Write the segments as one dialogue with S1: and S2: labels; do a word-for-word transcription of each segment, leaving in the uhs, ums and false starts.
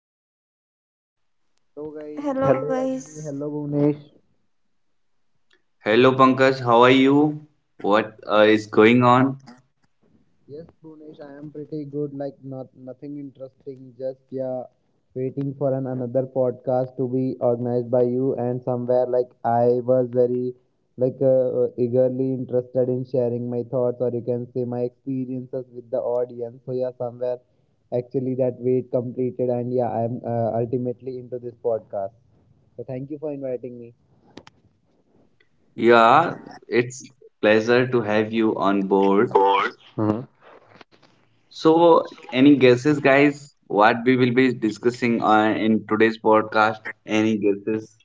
S1: episode.
S2: So guys,
S3: Hello,
S2: hello,
S3: guys.
S2: Rajni. Hello, Bhuvnesh.
S1: Hello Pankaj, how are you? What uh, is going on?
S2: Yes, Bhunesh, I am pretty good. Like not nothing interesting. Just yeah, waiting for an another podcast to be organized by you. And somewhere like I was very like uh, eagerly interested in sharing my thoughts or you can say my experiences with the audience. So yeah, somewhere actually that wait completed and yeah, I am uh, ultimately into this podcast. So thank you for inviting me.
S1: Yeah, it's pleasure to have you on board.
S2: Board. Hmm.
S1: So, any guesses, guys? What we will be discussing uh, in today's podcast? Any guesses?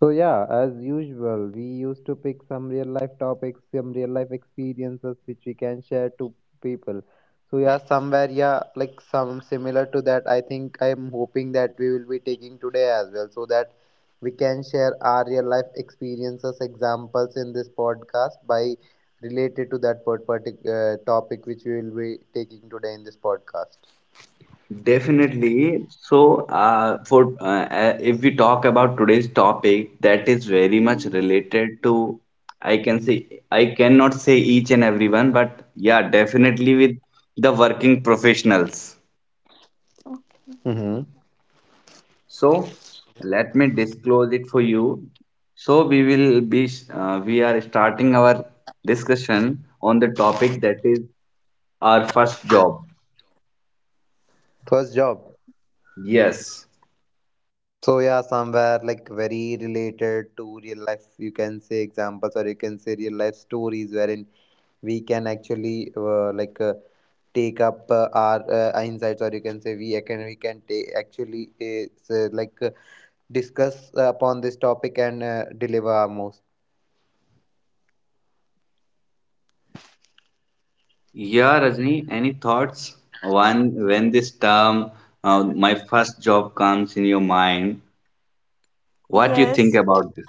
S2: So, yeah, as usual, we used to pick some real life topics, some real life experiences which we can share to people. So, yeah, somewhere, yeah, like some similar to that, I think I'm hoping that we will be taking today as well so that we can share our real life experiences, examples in this podcast by related to that part- partic- uh, topic which we will be taking today in this podcast.
S1: Definitely. So, uh, for uh, uh, If we talk about today's topic, that is very much
S3: Mm,
S1: related to, I can say, I cannot say each and everyone, but yeah, definitely with the working professionals.
S3: Okay.
S2: Mm-hmm.
S1: So, let me disclose it for you. So, we will be, uh, we are starting our discussion on the topic that is our first job.
S2: First job.
S1: Yes.
S2: So yeah, somewhere like very related to real life, you can say examples or you can say real life stories wherein we can actually uh, like uh, take up uh, our uh, insights or you can say we can we can ta- actually uh, say, like uh, discuss uh, upon this topic and uh, deliver our most.
S1: Yeah, Rajni, any thoughts? When when this term, uh, my first job comes in your mind, what do you think
S3: Yes,
S1: about this?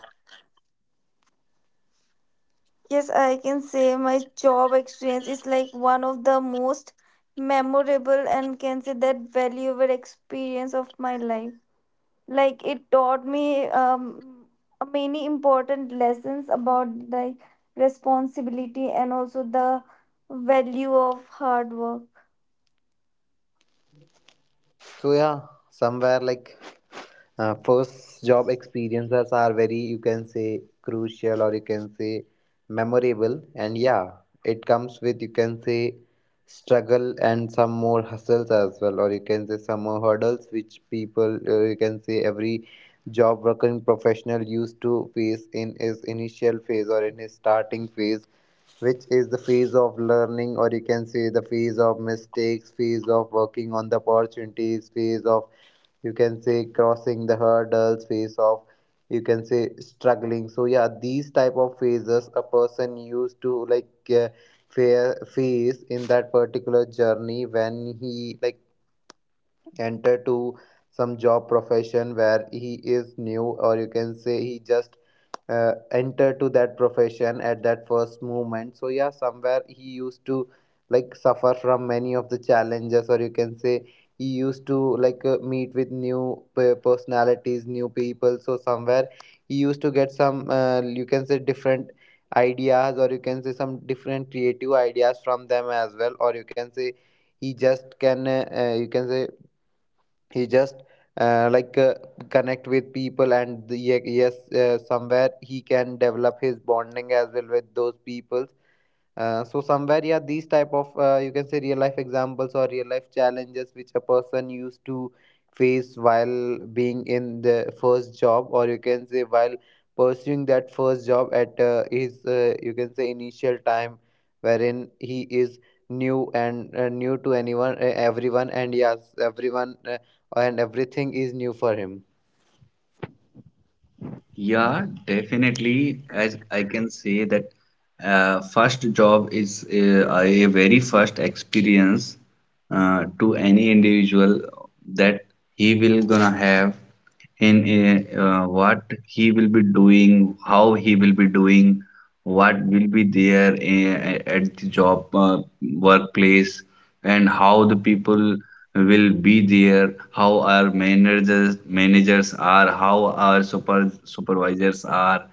S3: yes, I can say my job experience is like one of the most memorable and can say that valuable experience of my life. Like it taught me um many important lessons about the responsibility and also the value of hard work.
S2: So yeah, somewhere like uh, first job experiences are very, you can say, crucial or you can say memorable, and yeah, it comes with, you can say, struggle and some more hustles as well, or you can say some more hurdles, which people, uh, you can say, every job working professional used to face in his initial phase or in his starting phase, which is the phase of learning or you can say the phase of mistakes, phase of working on the opportunities, phase of, you can say, crossing the hurdles, phase of, you can say, struggling. So yeah, these type of phases a person used to like uh, fa- face in that particular journey when he like enter to some job profession where he is new, or you can say he just uh, enter to that profession at that first moment. So yeah, somewhere he used to like suffer from many of the challenges, or you can say he used to like uh, meet with new pe- personalities new people. So somewhere he used to get some, uh, you can say, different ideas, or you can say some different creative ideas from them as well, or you can say he just can uh, uh, you can say he just uh, like uh, connect with people. And the, ye- yes, uh, somewhere he can develop his bonding as well with those people. Uh, so somewhere, yeah, these type of, uh, you can say, real life examples or real life challenges which a person used to face while being in the first job, or you can say while pursuing that first job at uh, his, uh, you can say, initial time, wherein he is new and, uh, new to anyone, uh, everyone, and yes, everyone, uh, and everything is new for him.
S1: Yeah, definitely. As I can say that uh, first job is uh, a very first experience uh, to any individual that he will gonna have in a, uh, what he will be doing, how he will be doing, what will be there uh, at the job uh, workplace and how the people will be there, how our managers managers are, how our super supervisors are,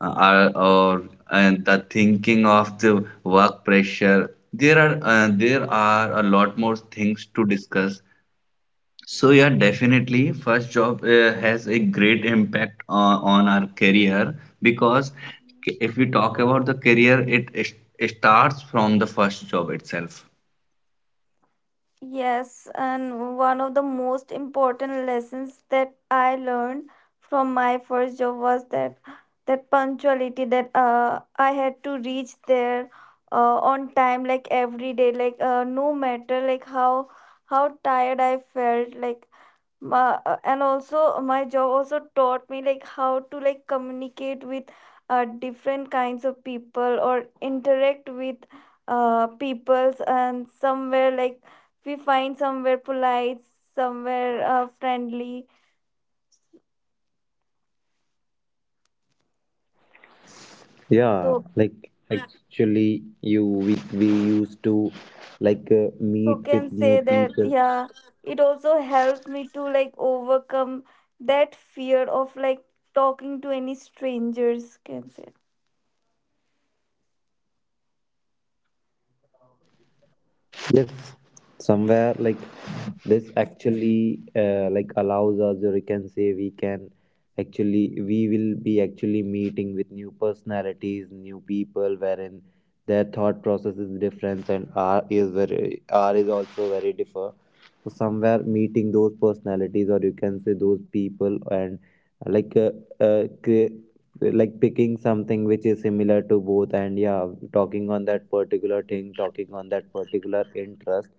S1: uh, are or and the thinking of the work pressure. There are uh, there are a lot more things to discuss. So yeah, definitely, first job uh, has a great impact on, on our career because if we talk about the career, it, it starts from the first job itself.
S3: Yes, and one of the most important lessons that I learned from my first job was that that punctuality, that uh, I had to reach there uh, on time, like every day, like uh, no matter like how how tired I felt, like Ma- uh, and also uh, my job also taught me like how to like communicate with uh, different kinds of people or interact with uh, peoples, and somewhere like we find somewhere polite, somewhere uh, friendly,
S2: Yeah,
S3: so
S2: like actually, you we we used to like uh,
S3: so
S2: meet
S3: can
S2: with new
S3: say that,
S2: people.
S3: yeah, it also helps me to like overcome that fear of like talking to any strangers, can say.
S2: Yes, somewhere like this actually uh, like allows us, or you can say we can actually, we will be actually meeting with new personalities, new people, wherein their thought process is different and R is very, R is also very differ. So somewhere meeting those personalities, or you can say those people, and uh, like uh, uh, cre- like picking something which is similar to both, and yeah, talking on that particular thing, talking on that particular interest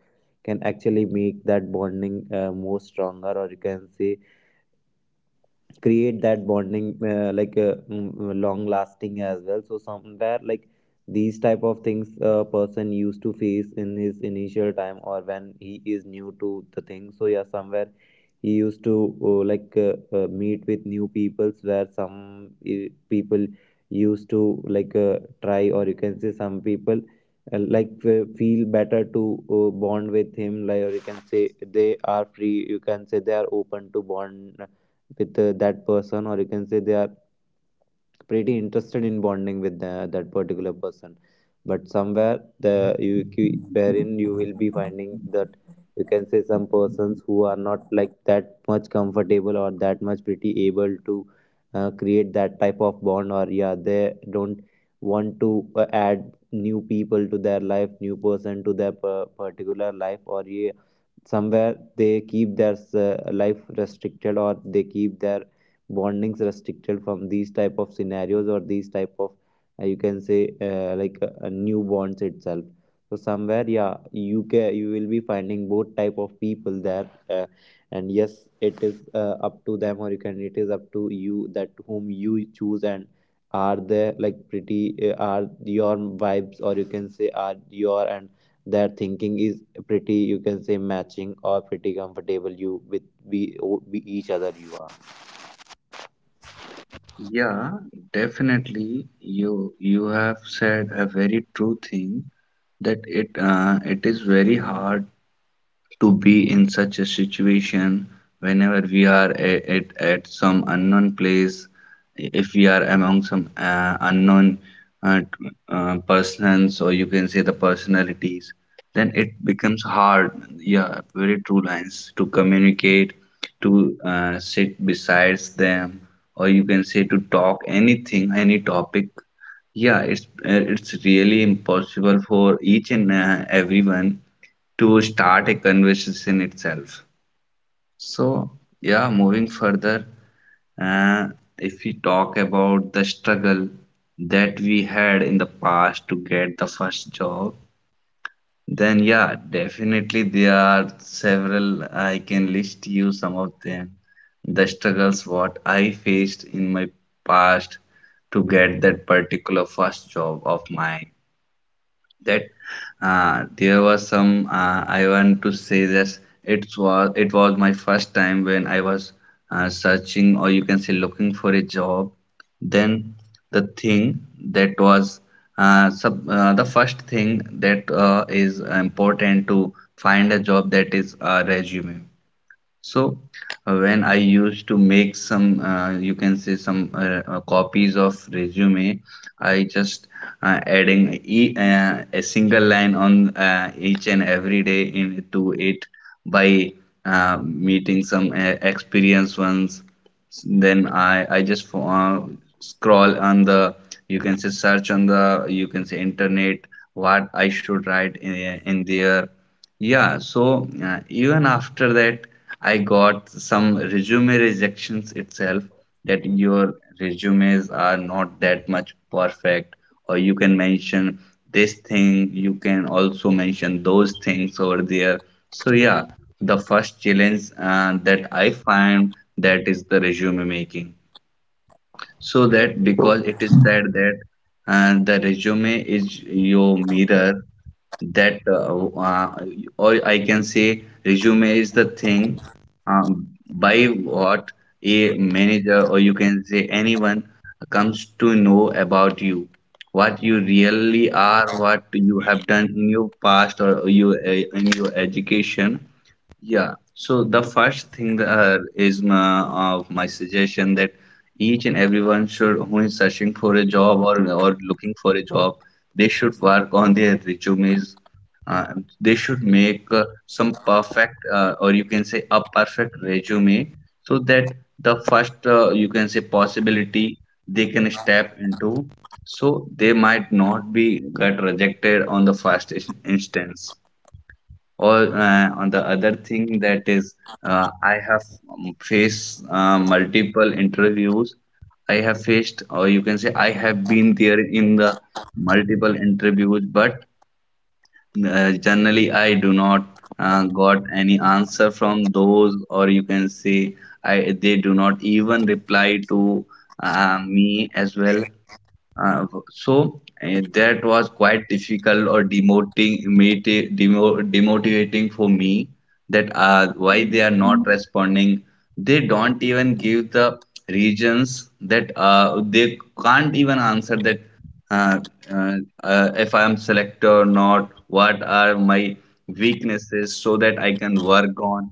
S2: can actually make that bonding uh, more stronger, or you can say create that bonding uh, like uh, long lasting as well. So somewhere like these type of things a person used to face in his initial time or when he is new to the thing. So yeah, somewhere he used to uh, like uh, uh, meet with new peoples, where some, uh, people used to like uh, try, or you can say some people uh, like f- feel better to uh, bond with him like, or you can say they are free, you can say they are open to bond, uh, with uh, that person, or you can say they are pretty interested in bonding with the, that particular person. But somewhere the you you- wherein you will be finding that, you can say, some persons who are not like that much comfortable or that much pretty able to uh, create that type of bond, or yeah, they don't want to uh, add new people to their life, new person to their per- particular life, or yeah, somewhere they keep their uh, life restricted, or they keep their bondings restricted from these type of scenarios or these type of, uh, you can say, uh, like uh, uh, new bonds itself. So somewhere, yeah, you can, you will be finding both type of people there. Uh, and yes, it is uh, up to them, or you can, it is up to you, that whom you choose, and are they like pretty uh, are your vibes, or you can say are your and their thinking is pretty, you can say, matching or pretty comfortable you with we, we each other, you are.
S1: Yeah, definitely. You you have said a very true thing that it uh, it is very hard to be in such a situation whenever we are a- at, at some unknown place if we are among some uh, unknown uh, t- uh, persons, or you can say the personalities, then it becomes hard. Yeah, very true lines. To communicate, to uh, sit besides them, or you can say to talk anything, any topic, yeah, it's uh, it's really impossible for each and uh, everyone to start a conversation itself. So, yeah, moving further, uh, if we talk about the struggle that we had in the past to get the first job, then yeah, definitely there are several. I can list you some of them. The struggles what I faced in my past to get that particular first job of mine, that uh, there was some uh, I want to say this. It was it was my first time when I was uh, searching, or you can say looking for a job, then the thing that was uh, sub, uh, the first thing that uh, is important to find a job, that is a resume. So uh, when I used to make some, uh, you can say some uh, uh, copies of resume, I just uh, adding e uh, a single line on uh, each and every day into it by uh, meeting some uh, experienced ones. Then I I just fo- uh, scroll on the, you can say search on the, you can say internet, what I should write in, in there. Yeah, so uh, even after that, I got some resume rejections itself, that your resumes are not that much perfect, or you can mention this thing, you can also mention those things over there. So, yeah, the first challenge uh, that I find, that is the resume making, so that, because it is said that uh, the resume is your mirror, that uh, uh, or I can say resume is the thing um, by what a manager, or you can say anyone, comes to know about you, what you really are, what you have done in your past, or you uh, in your education. Yeah, so the first thing uh, is my, of my suggestion, that each and everyone should, who is searching for a job, or or looking for a job, they should work on their resumes. Uh, they should make uh, some perfect uh, or you can say a perfect resume, so that the first uh, you can say possibility they can step into. So they might not be got rejected on the first in- instance. Or uh, on the other thing that is, uh, I have um, faced uh, multiple interviews. I have faced, or you can say, I have been there in the multiple interviews, but uh, generally I do not uh, got any answer from those, or you can say, I they do not even reply to uh, me as well. Uh, so uh, that was quite difficult or demoting, moti- demo, demotivating for me, that uh, why they are not responding. They don't even give the reasons, that uh, they can't even answer that uh, uh, uh, if I am selected or not, what are my weaknesses so that I can work on,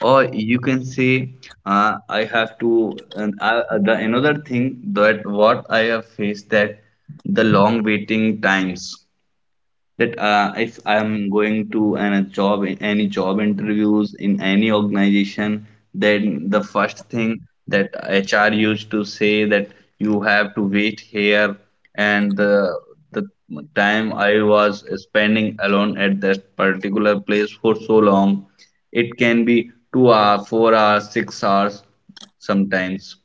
S1: or you can say, uh, I have to. And I, the another thing that what I have faced, that the long waiting times, that uh, if I'm going to an, a job, any job interviews in any organization, then the first thing that H R used to say, that you have to wait here, and the the time I was spending alone at that particular place for so long, it can be two hours, four hours, six hours sometimes.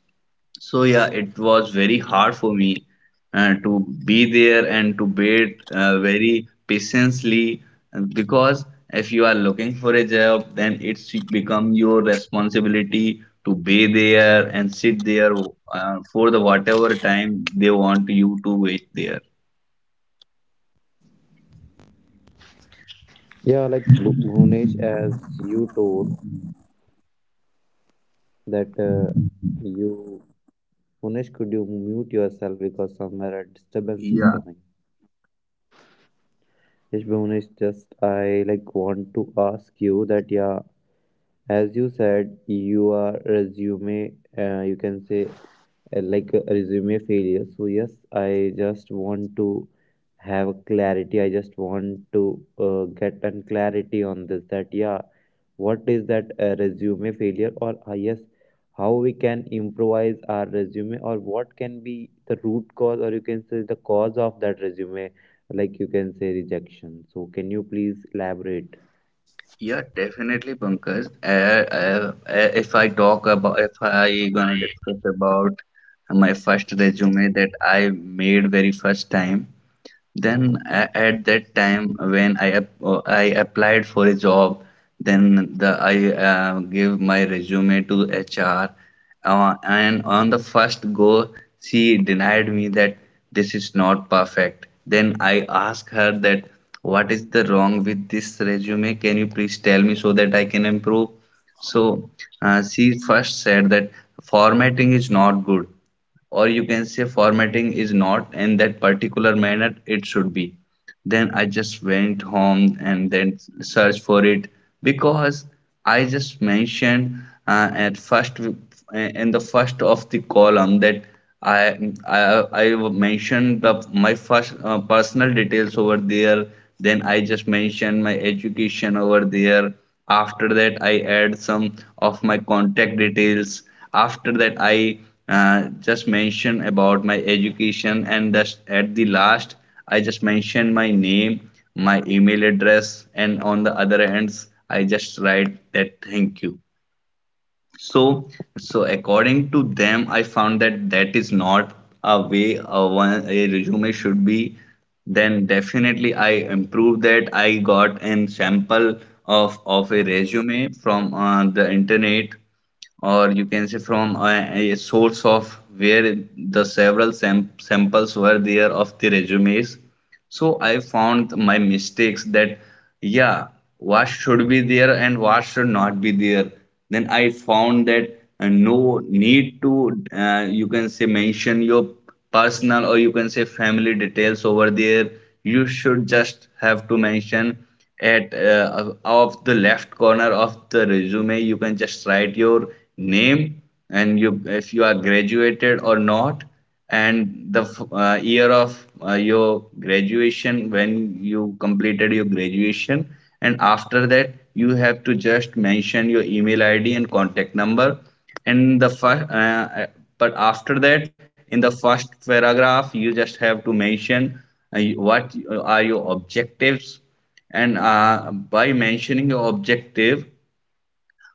S1: So yeah, it was very hard for me uh, to be there and to wait uh, very patiently, uh, because if you are looking for a job, then it's become your responsibility to be there and sit there uh, for the whatever time they want you to wait there.
S2: Yeah, like Bu- Bhunesh, as you told that uh, you, Bhunesh, could you mute yourself, because somewhere a disturbance is
S1: Yeah,
S2: coming. Yes, Bhunesh, just I like want to ask you that, yeah, as you said your resume, uh, you can say, uh, like a resume failure. So yes, I just want to have clarity, I just want to uh, get an clarity on this, that yeah, what is that uh, resume failure, or uh, yes, how we can improvise our resume, or what can be the root cause, or you can say the cause of that resume, like you can say rejection. So can you please elaborate?
S1: yeah, definitely, Pankaj. Uh, uh, uh, if I talk about, if I gonna discuss about my first resume that I made very first time, then a- at that time when I ap- uh, I applied for a job, then the I uh, gave my resume to H R, uh, and on the first go she denied me that this is not perfect. Then I asked her that what is the wrong with this resume? Can you please tell me so that I can improve? So uh, she first said that formatting is not good, or you can say formatting is not in that particular manner it should be. Then I just went home and then searched for it, because I just mentioned uh, at first uh, in the first of the column that i i, I mentioned the, my first uh, personal details over there, then I just mentioned my education over there, after that I add some of my contact details, after that I uh, just mentioned about my education, and thus at the last I just mentioned my name, my email address, and on the other ends I just write that thank you. So, so according to them, I found that that is not a way a, one, a resume should be. Then definitely I improved that. I got an sample of of a resume from uh, the internet, or you can say from a, a source of where the several sam- samples were there of the resumes. So I found my mistakes, that yeah, what should be there and what should not be there. Then I found that uh, no need to, uh, you can say, mention your personal, or you can say family, details over there. You should just have to mention at uh, of of the left corner of the resume. You can just write your name, and you, if you are graduated or not, and the uh, year of uh, your graduation, when you completed your graduation, and after that you have to just mention your email id and contact number. And the first uh, uh, But after that, in the first paragraph, you just have to mention uh, what uh, are your objectives, and uh, by mentioning your objective,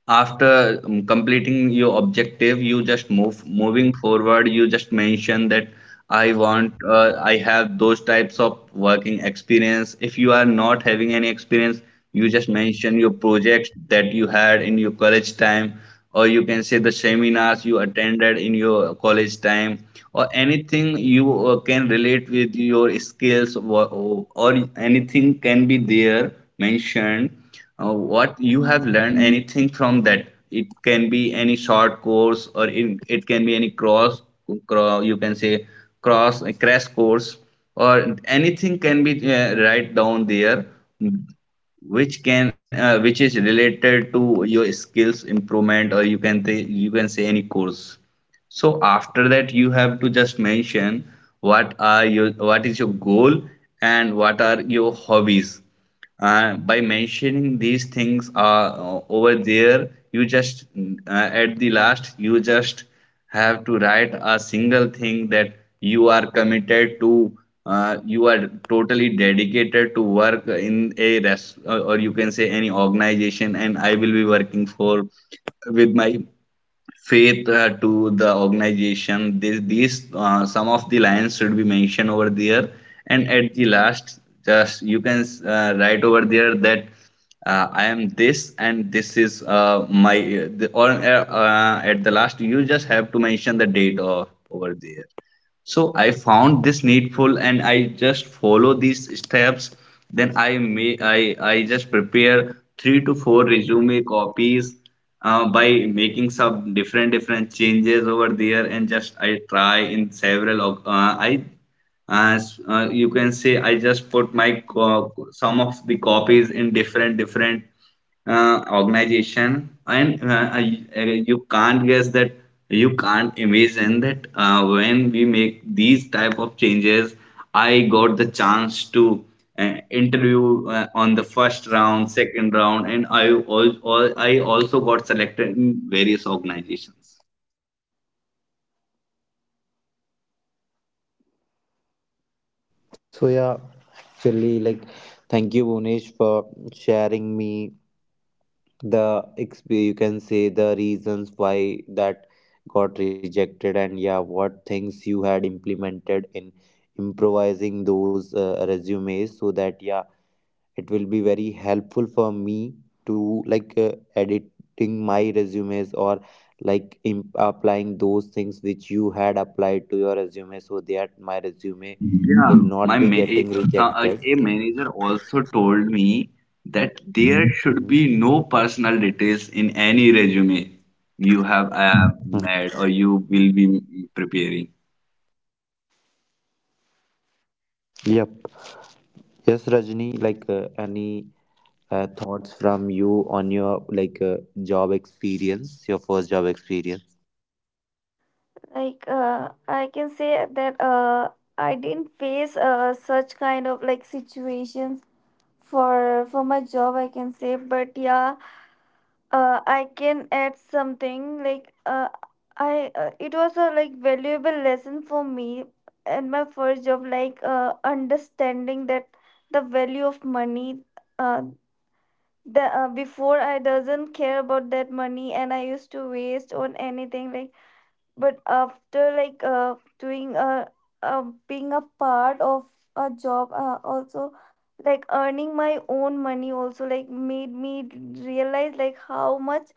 S1: after um, completing your objective, you just move moving forward, you just mention that i want uh, I have those types of working experience. If you are not having any experience, you just mention your projects that you had in your college time, or you can say the seminars you attended in your college time, or anything you uh, can relate with your skills, or, or anything can be there mentioned, uh, what you have
S3: Mhm.
S1: learned, anything from that. It can be any short course, or it, it can be any cross cross. You can say cross a crash course, or anything can be uh, right down there, which can uh, which is related to your skills improvement, or you can say you can say any course. So after that you have to just mention what are your what is your goal, and what are your hobbies. Uh, by mentioning these things uh, over there, you just, uh, at the last, you just have to write a single thing, that you are committed to, uh, you are totally dedicated to work in a res- or or you can say any organization, and I will be working for with my faith uh, to the organization. This, these uh, some of the lines should be mentioned over there, and at the last, just you can uh, write over there that uh, I am this and this is uh, my uh, the, or uh, uh, at the last you just have to mention the date of over there. So I found this needful and I just follow these steps. Then I may I, I just prepare three to four resume copies uh, by making some different different changes over there and just I try in several of- uh, I as uh, you can say I just put my co- some of the copies in different different uh, organization and uh, I- uh, you can't guess that you can't imagine that uh, when we make these type of changes I got the chance to uh, interview uh, on the first round second round and i also, i also got selected in various organizations.
S2: So yeah, actually, like, thank you, Bhunesh, for sharing me the exp- you can say the reasons why that got rejected, and yeah, what things you had implemented in improvising those uh, resumes, so that yeah, it will be very helpful for me to like uh, editing my resumes, or like imp- applying those things which you had applied to your resume, so that my resume
S1: Yeah,
S2: will not
S1: my
S2: be
S1: ma- a,
S2: getting
S1: some- a
S2: rejected.
S1: a manager also told me that there should
S2: Hmm.
S1: be no personal details in any resume you have uh, made or you will be preparing.
S2: Yep. Yes, Rajni, like uh, any uh, thoughts from you on your like, uh, job experience, your first job experience.
S3: Like uh, I can say that uh, I didn't face uh, such kind of like situations for for my job, I can say, but yeah, uh, I can add something like uh, I uh, it was a like valuable lesson for me, and my first job, like uh, understanding that the value of money. uh, the, uh, Before, I doesn't care about that money and I used to waste on anything, like, but after like uh, doing a uh, being a part of a job, uh, also like earning my own money also like made me realize like how much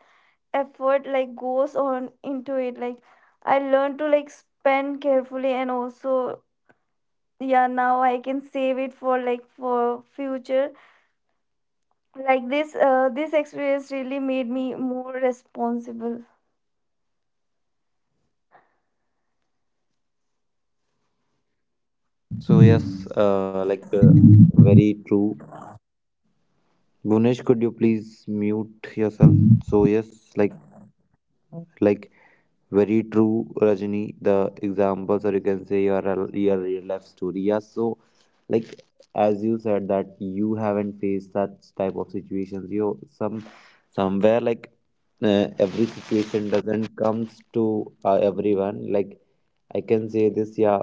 S3: effort like goes on into it. Like I learned to like spend carefully and also, yeah, now I can save it for like for future. Like this uh, this experience really made me more responsible.
S2: So yes, uh, like uh, very true. Bhunesh, could you please mute yourself? So yes, like like very true, Rajni. The examples, or you can say your rel- your real life story. Yeah. So, like as you said that you haven't faced that type of situations. You some, somewhere like uh, every situation doesn't comes to uh, everyone. Like I can say this. Yeah.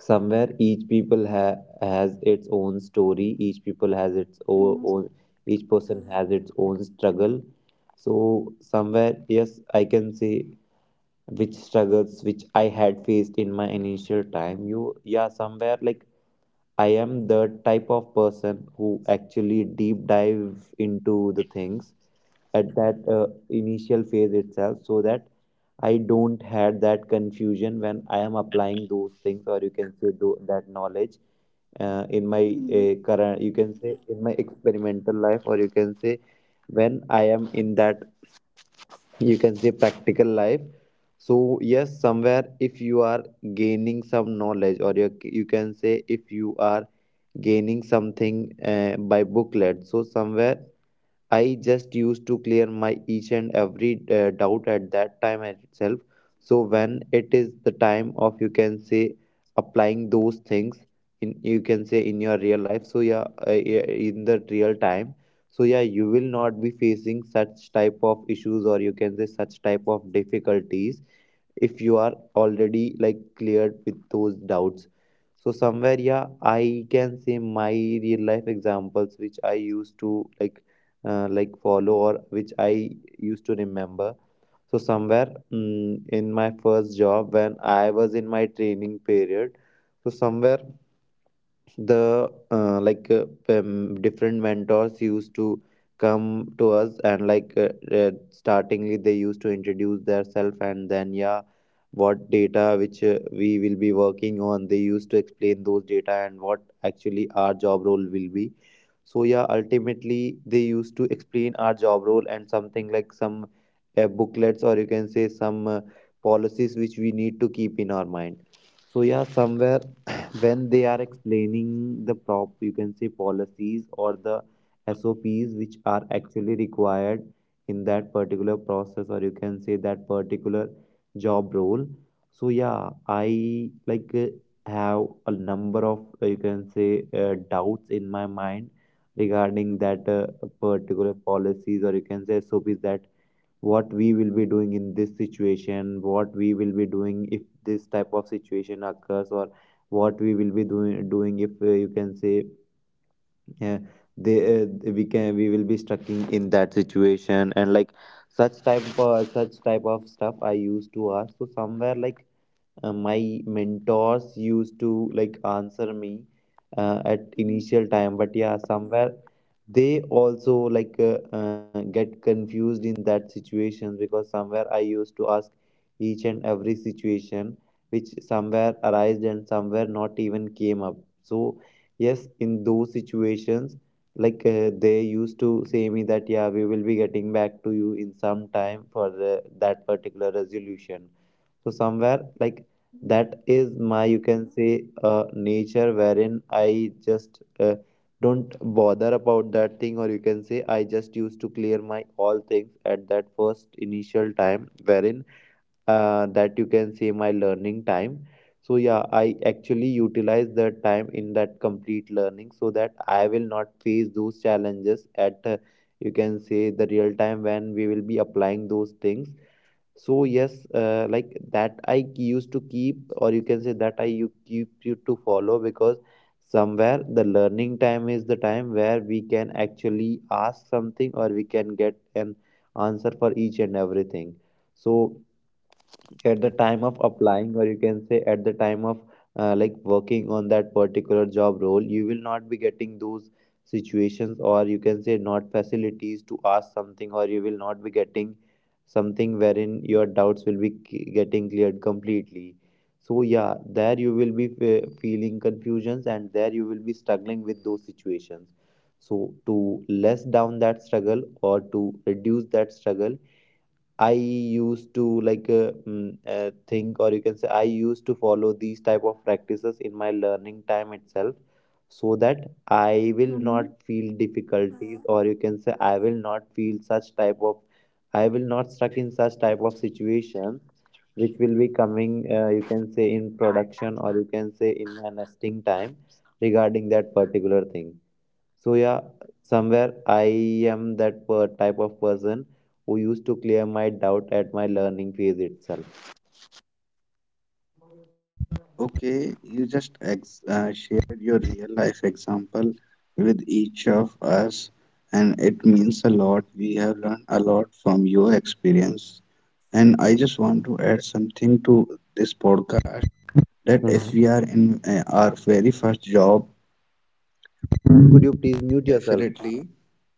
S2: Somewhere each people ha- has its own story. Each people has its o-
S3: Mm.
S2: own. Each person has its own struggle. So somewhere yes, I can say which struggles which I had faced in my initial time. You, yeah, somewhere like I am the type of person who actually deep dive into the things at that uh, initial phase itself, so that I don't had that confusion when I am applying those things, or you can say tho- that knowledge uh, in my
S3: Mm.
S2: uh, current, you can say, in my experimental life, or you can say when I am in that, you can say, practical life. So yes, somewhere, if you are gaining some knowledge, or you, you can say, if you are gaining something uh, by booklet, so somewhere I just used to clear my each and every uh, doubt at that time at itself. So when it is the time of, you can say, applying those things in, you can say, in your real life. So yeah, uh, yeah, in the real time. So yeah, you will not be facing such type of issues, or you can say such type of difficulties, if you are already like cleared with those doubts. So somewhere, yeah, I can say my real life examples which I used to like, uh, like follow, or which I used to remember. So somewhere mm, in my first job when I was in my training period, so somewhere the uh, like uh, um, different mentors used to come to us and like uh, uh, startingly they used to introduce themselves and then yeah, what data which uh, we will be working on, they used to explain those data and what actually our job role will be. So yeah, ultimately they used to explain our job role and something like some uh, booklets or you can say some uh, policies which we need to keep in our mind. So yeah, somewhere when they are explaining the prop, you can say policies or the sops which are actually required in that particular process, or you can say that particular job role. So yeah, i like uh, have a number of uh, you can say uh, doubts in my mind regarding that uh, particular policies or you can say sops, that what we will be doing in this situation, what we will be doing if this type of situation occurs, or what we will be doing doing if uh, you can say uh, they uh, we can we will be stuck in, in that situation. And like such type uh, such type of stuff I used to ask. So somewhere like uh, my mentors used to like answer me uh, at
S3: Mm.
S2: initial time, but yeah somewhere they also like uh, uh, get confused in that situation because somewhere I used to ask each and every situation which somewhere arised and somewhere not even came up. So yes, in those situations, like uh, they used to say me that yeah, we will be getting back to you in some time for the, that particular resolution. So somewhere like that is my, you can say, uh, nature, wherein I just uh, don't bother about that thing, or you can say I just used to clear my all things at that first initial time, wherein uh, that, you can say, my learning time. So yeah, I actually utilize that time in that complete learning so that I will not face those challenges at, uh, you can say, the real time when we will be applying those things. So yes, uh, like that I used to keep, or you can say that I you keep you to follow, because somewhere the learning time is the time where we can actually ask something or we can get an answer for each and everything. So at the time of applying, or you can say at the time of uh, like working on that particular job role, you will not be getting those situations, or you can say not facilities to ask something, or you will not be getting something wherein your doubts will be c- getting cleared completely. So yeah, there you will be fe- feeling confusions and there you will be struggling with those situations. So to less down that struggle or to reduce that struggle, I used to like uh, mm, uh, think, or you can say, I used to follow these type of practices in my learning time itself, so that
S3: Mm.
S2: I will not feel difficulties, or you can say, I will not feel such type of, I will not stuck in such type of situations, which will be coming, uh, you can say, in production, or you can say in my nesting time regarding that particular thing. So yeah, somewhere I am that per- type of person who used to clear my doubt at my learning phase itself.
S1: Okay, you just ex uh, shared your real life example with each of us, and it means a lot. We have learned a lot from your experience. And I just want to add something to this podcast, that if
S2: Mhm.
S1: we are in uh, our very first job,
S2: Rajni, could you please mute yourself?
S1: definitely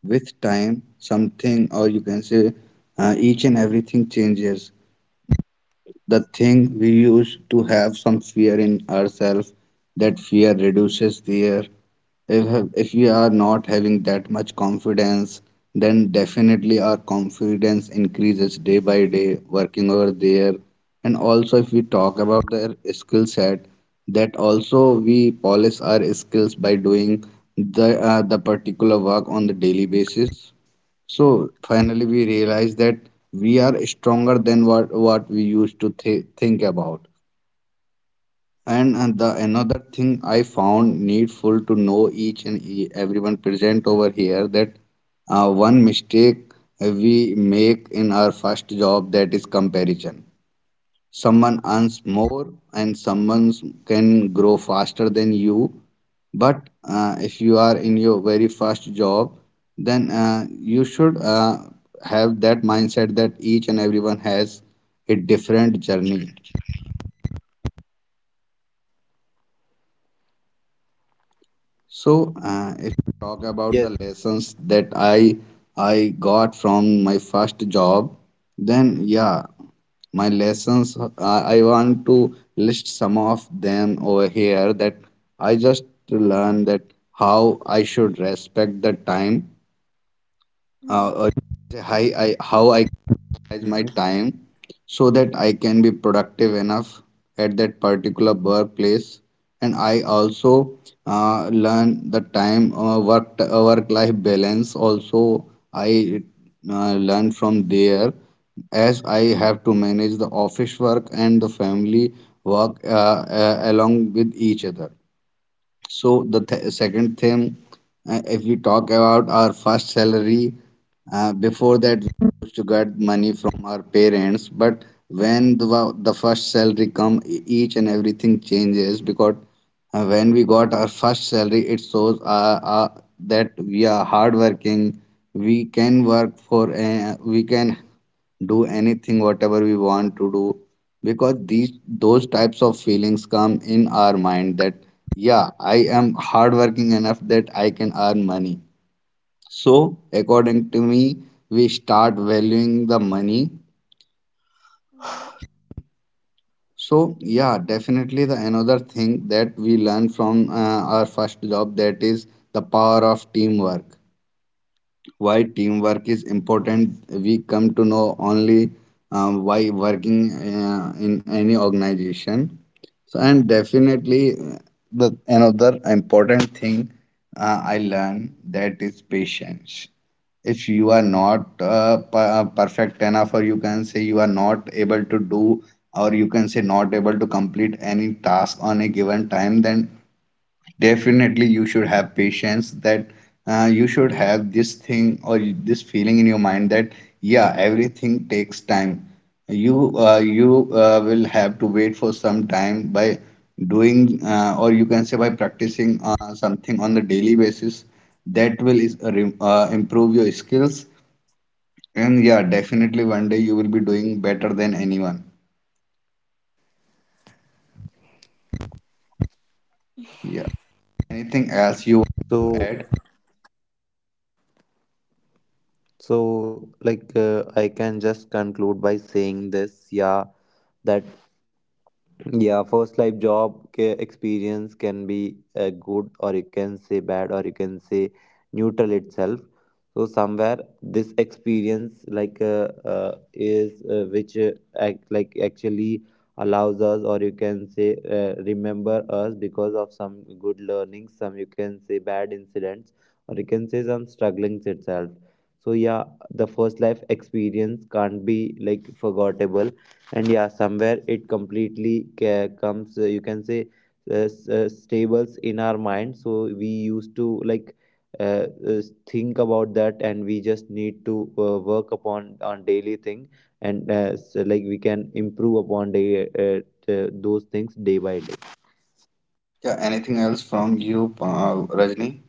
S1: with time, something or you can say uh, each and everything changes. The thing we used to have some fear in ourselves, that fear reduces there. if, if we are not having that much confidence, then definitely our confidence increases day by day working over there. And also if we talk about their skill set, that also we polish our skills by doing the uh, the particular work on the daily basis. So finally, we realize that we are stronger than what, what we used to th- think about. And, and the another thing I found needful to know each and e- everyone present over here, that uh, one mistake we make in our first job, that is comparison. Someone earns more and someone can grow faster than you, but uh, if you are in your very first job, then uh, you should uh, have that mindset that each and everyone has a different journey. So, uh, if you talk about the
S2: Yes.
S1: lessons that I I got from my first job, then yeah, my lessons, uh, I want to list some of them over here, that I just learned that how I should respect the time, uh,
S3: Mhm.
S1: or say hi, I how I utilize my
S2: Mhm.
S1: time so that I can be productive enough at that particular workplace. And I also uh, learn the time uh, work uh, work life balance also I uh, learn from there, as I have to manage the office work and the family work, uh, uh, along with each other. So the th- second thing, uh, if we talk about our first salary, uh, before
S3: Mm.
S1: that we used to get money from our parents, but when the, wa- the first salary come, e- each and everything changes, because uh, when we got our first salary, it shows uh, uh, that we are hardworking. We can work for, uh, we can do anything, whatever we want to do, because these those types of feelings come in our mind that yeah, I am hardworking enough that I can earn money. So according to me, we start valuing the money.
S3: Mm.
S1: So yeah, definitely the another thing that we learn from uh, our first job, that is the power of teamwork. Why teamwork is important, we come to know only um, why working uh, in any organization. So, and definitely uh, the another important thing uh, I learned, that is patience. If you are not uh, per- uh, perfect enough, or you can say you are not able to do, or you can say not able to complete any task on a given time, then definitely, you should have patience, that uh, you should have this thing or this feeling in your mind that yeah, everything takes time. You uh, you uh, will have to wait for some time, by doing uh, or you can say by practicing uh, something on the daily basis, that will is, uh, re- uh, improve your skills. And yeah, definitely one day you will be doing better than anyone. Yeah. Anything else you want to
S2: So,
S1: add?
S2: so like uh, I can just conclude by saying this, yeah, that yeah, first life job ca- experience can be uh, good, or you can say bad, or you can say neutral itself. So somewhere this experience like uh, uh, is uh, which uh, act, like actually allows us, or you can say uh, remember us because of some good learnings, some you can say bad incidents, or you can say some strugglings itself. So yeah, the first life experience can't be like forgettable, and yeah somewhere it completely ca- comes uh, you can say uh, s- uh, stables in our mind, so we used to like uh, uh, think about that, and we just need to uh, work upon on daily thing, and uh, so, like we can improve upon day, uh, uh, those things day by day.
S1: Yeah, anything else from you, uh, Rajni?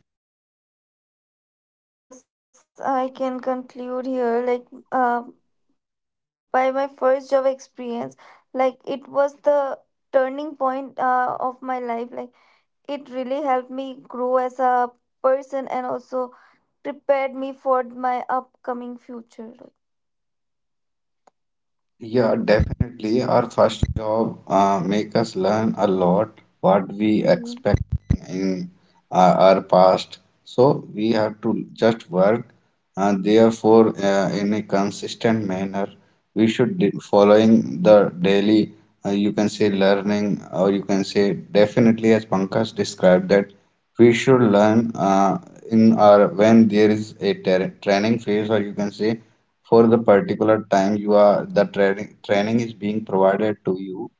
S3: Yes, I can conclude here. Like, uh, by my first job experience, like it was the turning point uh, of my life. Like, it really helped me grow as a person and also prepared me for my upcoming future. Like,
S1: Yeah, definitely.
S3: so-
S1: Our first job uh, make us learn a lot, what we
S3: Mm.
S1: expect in uh, our past. So we have to just work, and therefore, uh, in a consistent manner, we should be following the daily. Uh, you can say learning, or you can say definitely, as Pankaj described, that we should learn uh, in our, when there is a ter- training phase, or you can say for the particular time you are the training training is being provided to you,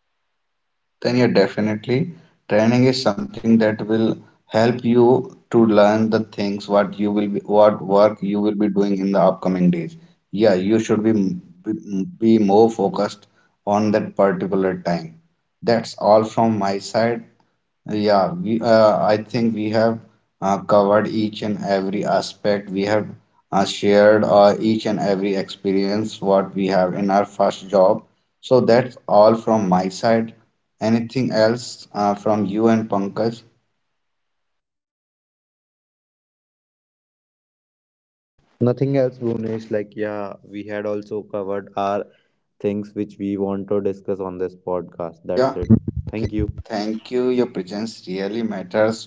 S1: then you definitely, training is something that will help you to learn the things, what you will be, what work you will be doing in the upcoming days. Yeah, you should be be, be more focused on that particular time. That's all from my side. Yeah, we, uh, I think we have uh, covered each and every aspect. We have uh, shared uh, each and every experience what we have in our first job. So that's all from my side. Anything else uh, from you and Pankaj?
S2: Nothing else, Bhunesh, like yeah, we had also covered our things which we want to discuss on this podcast, that's
S1: Yeah,
S2: it. Thank
S1: okay.
S2: you.
S1: Thank you. Your presence really matters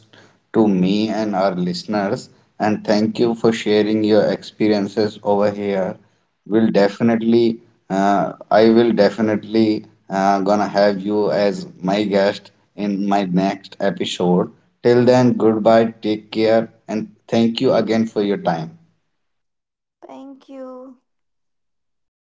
S1: to me and our listeners. And thank you for sharing your experiences over here. We'll definitely, uh, I will definitely uh, gonna have you as my guest in my next episode. Till then, goodbye, take care, and thank you again for your time.
S3: Thank you.
S2: Goodbye.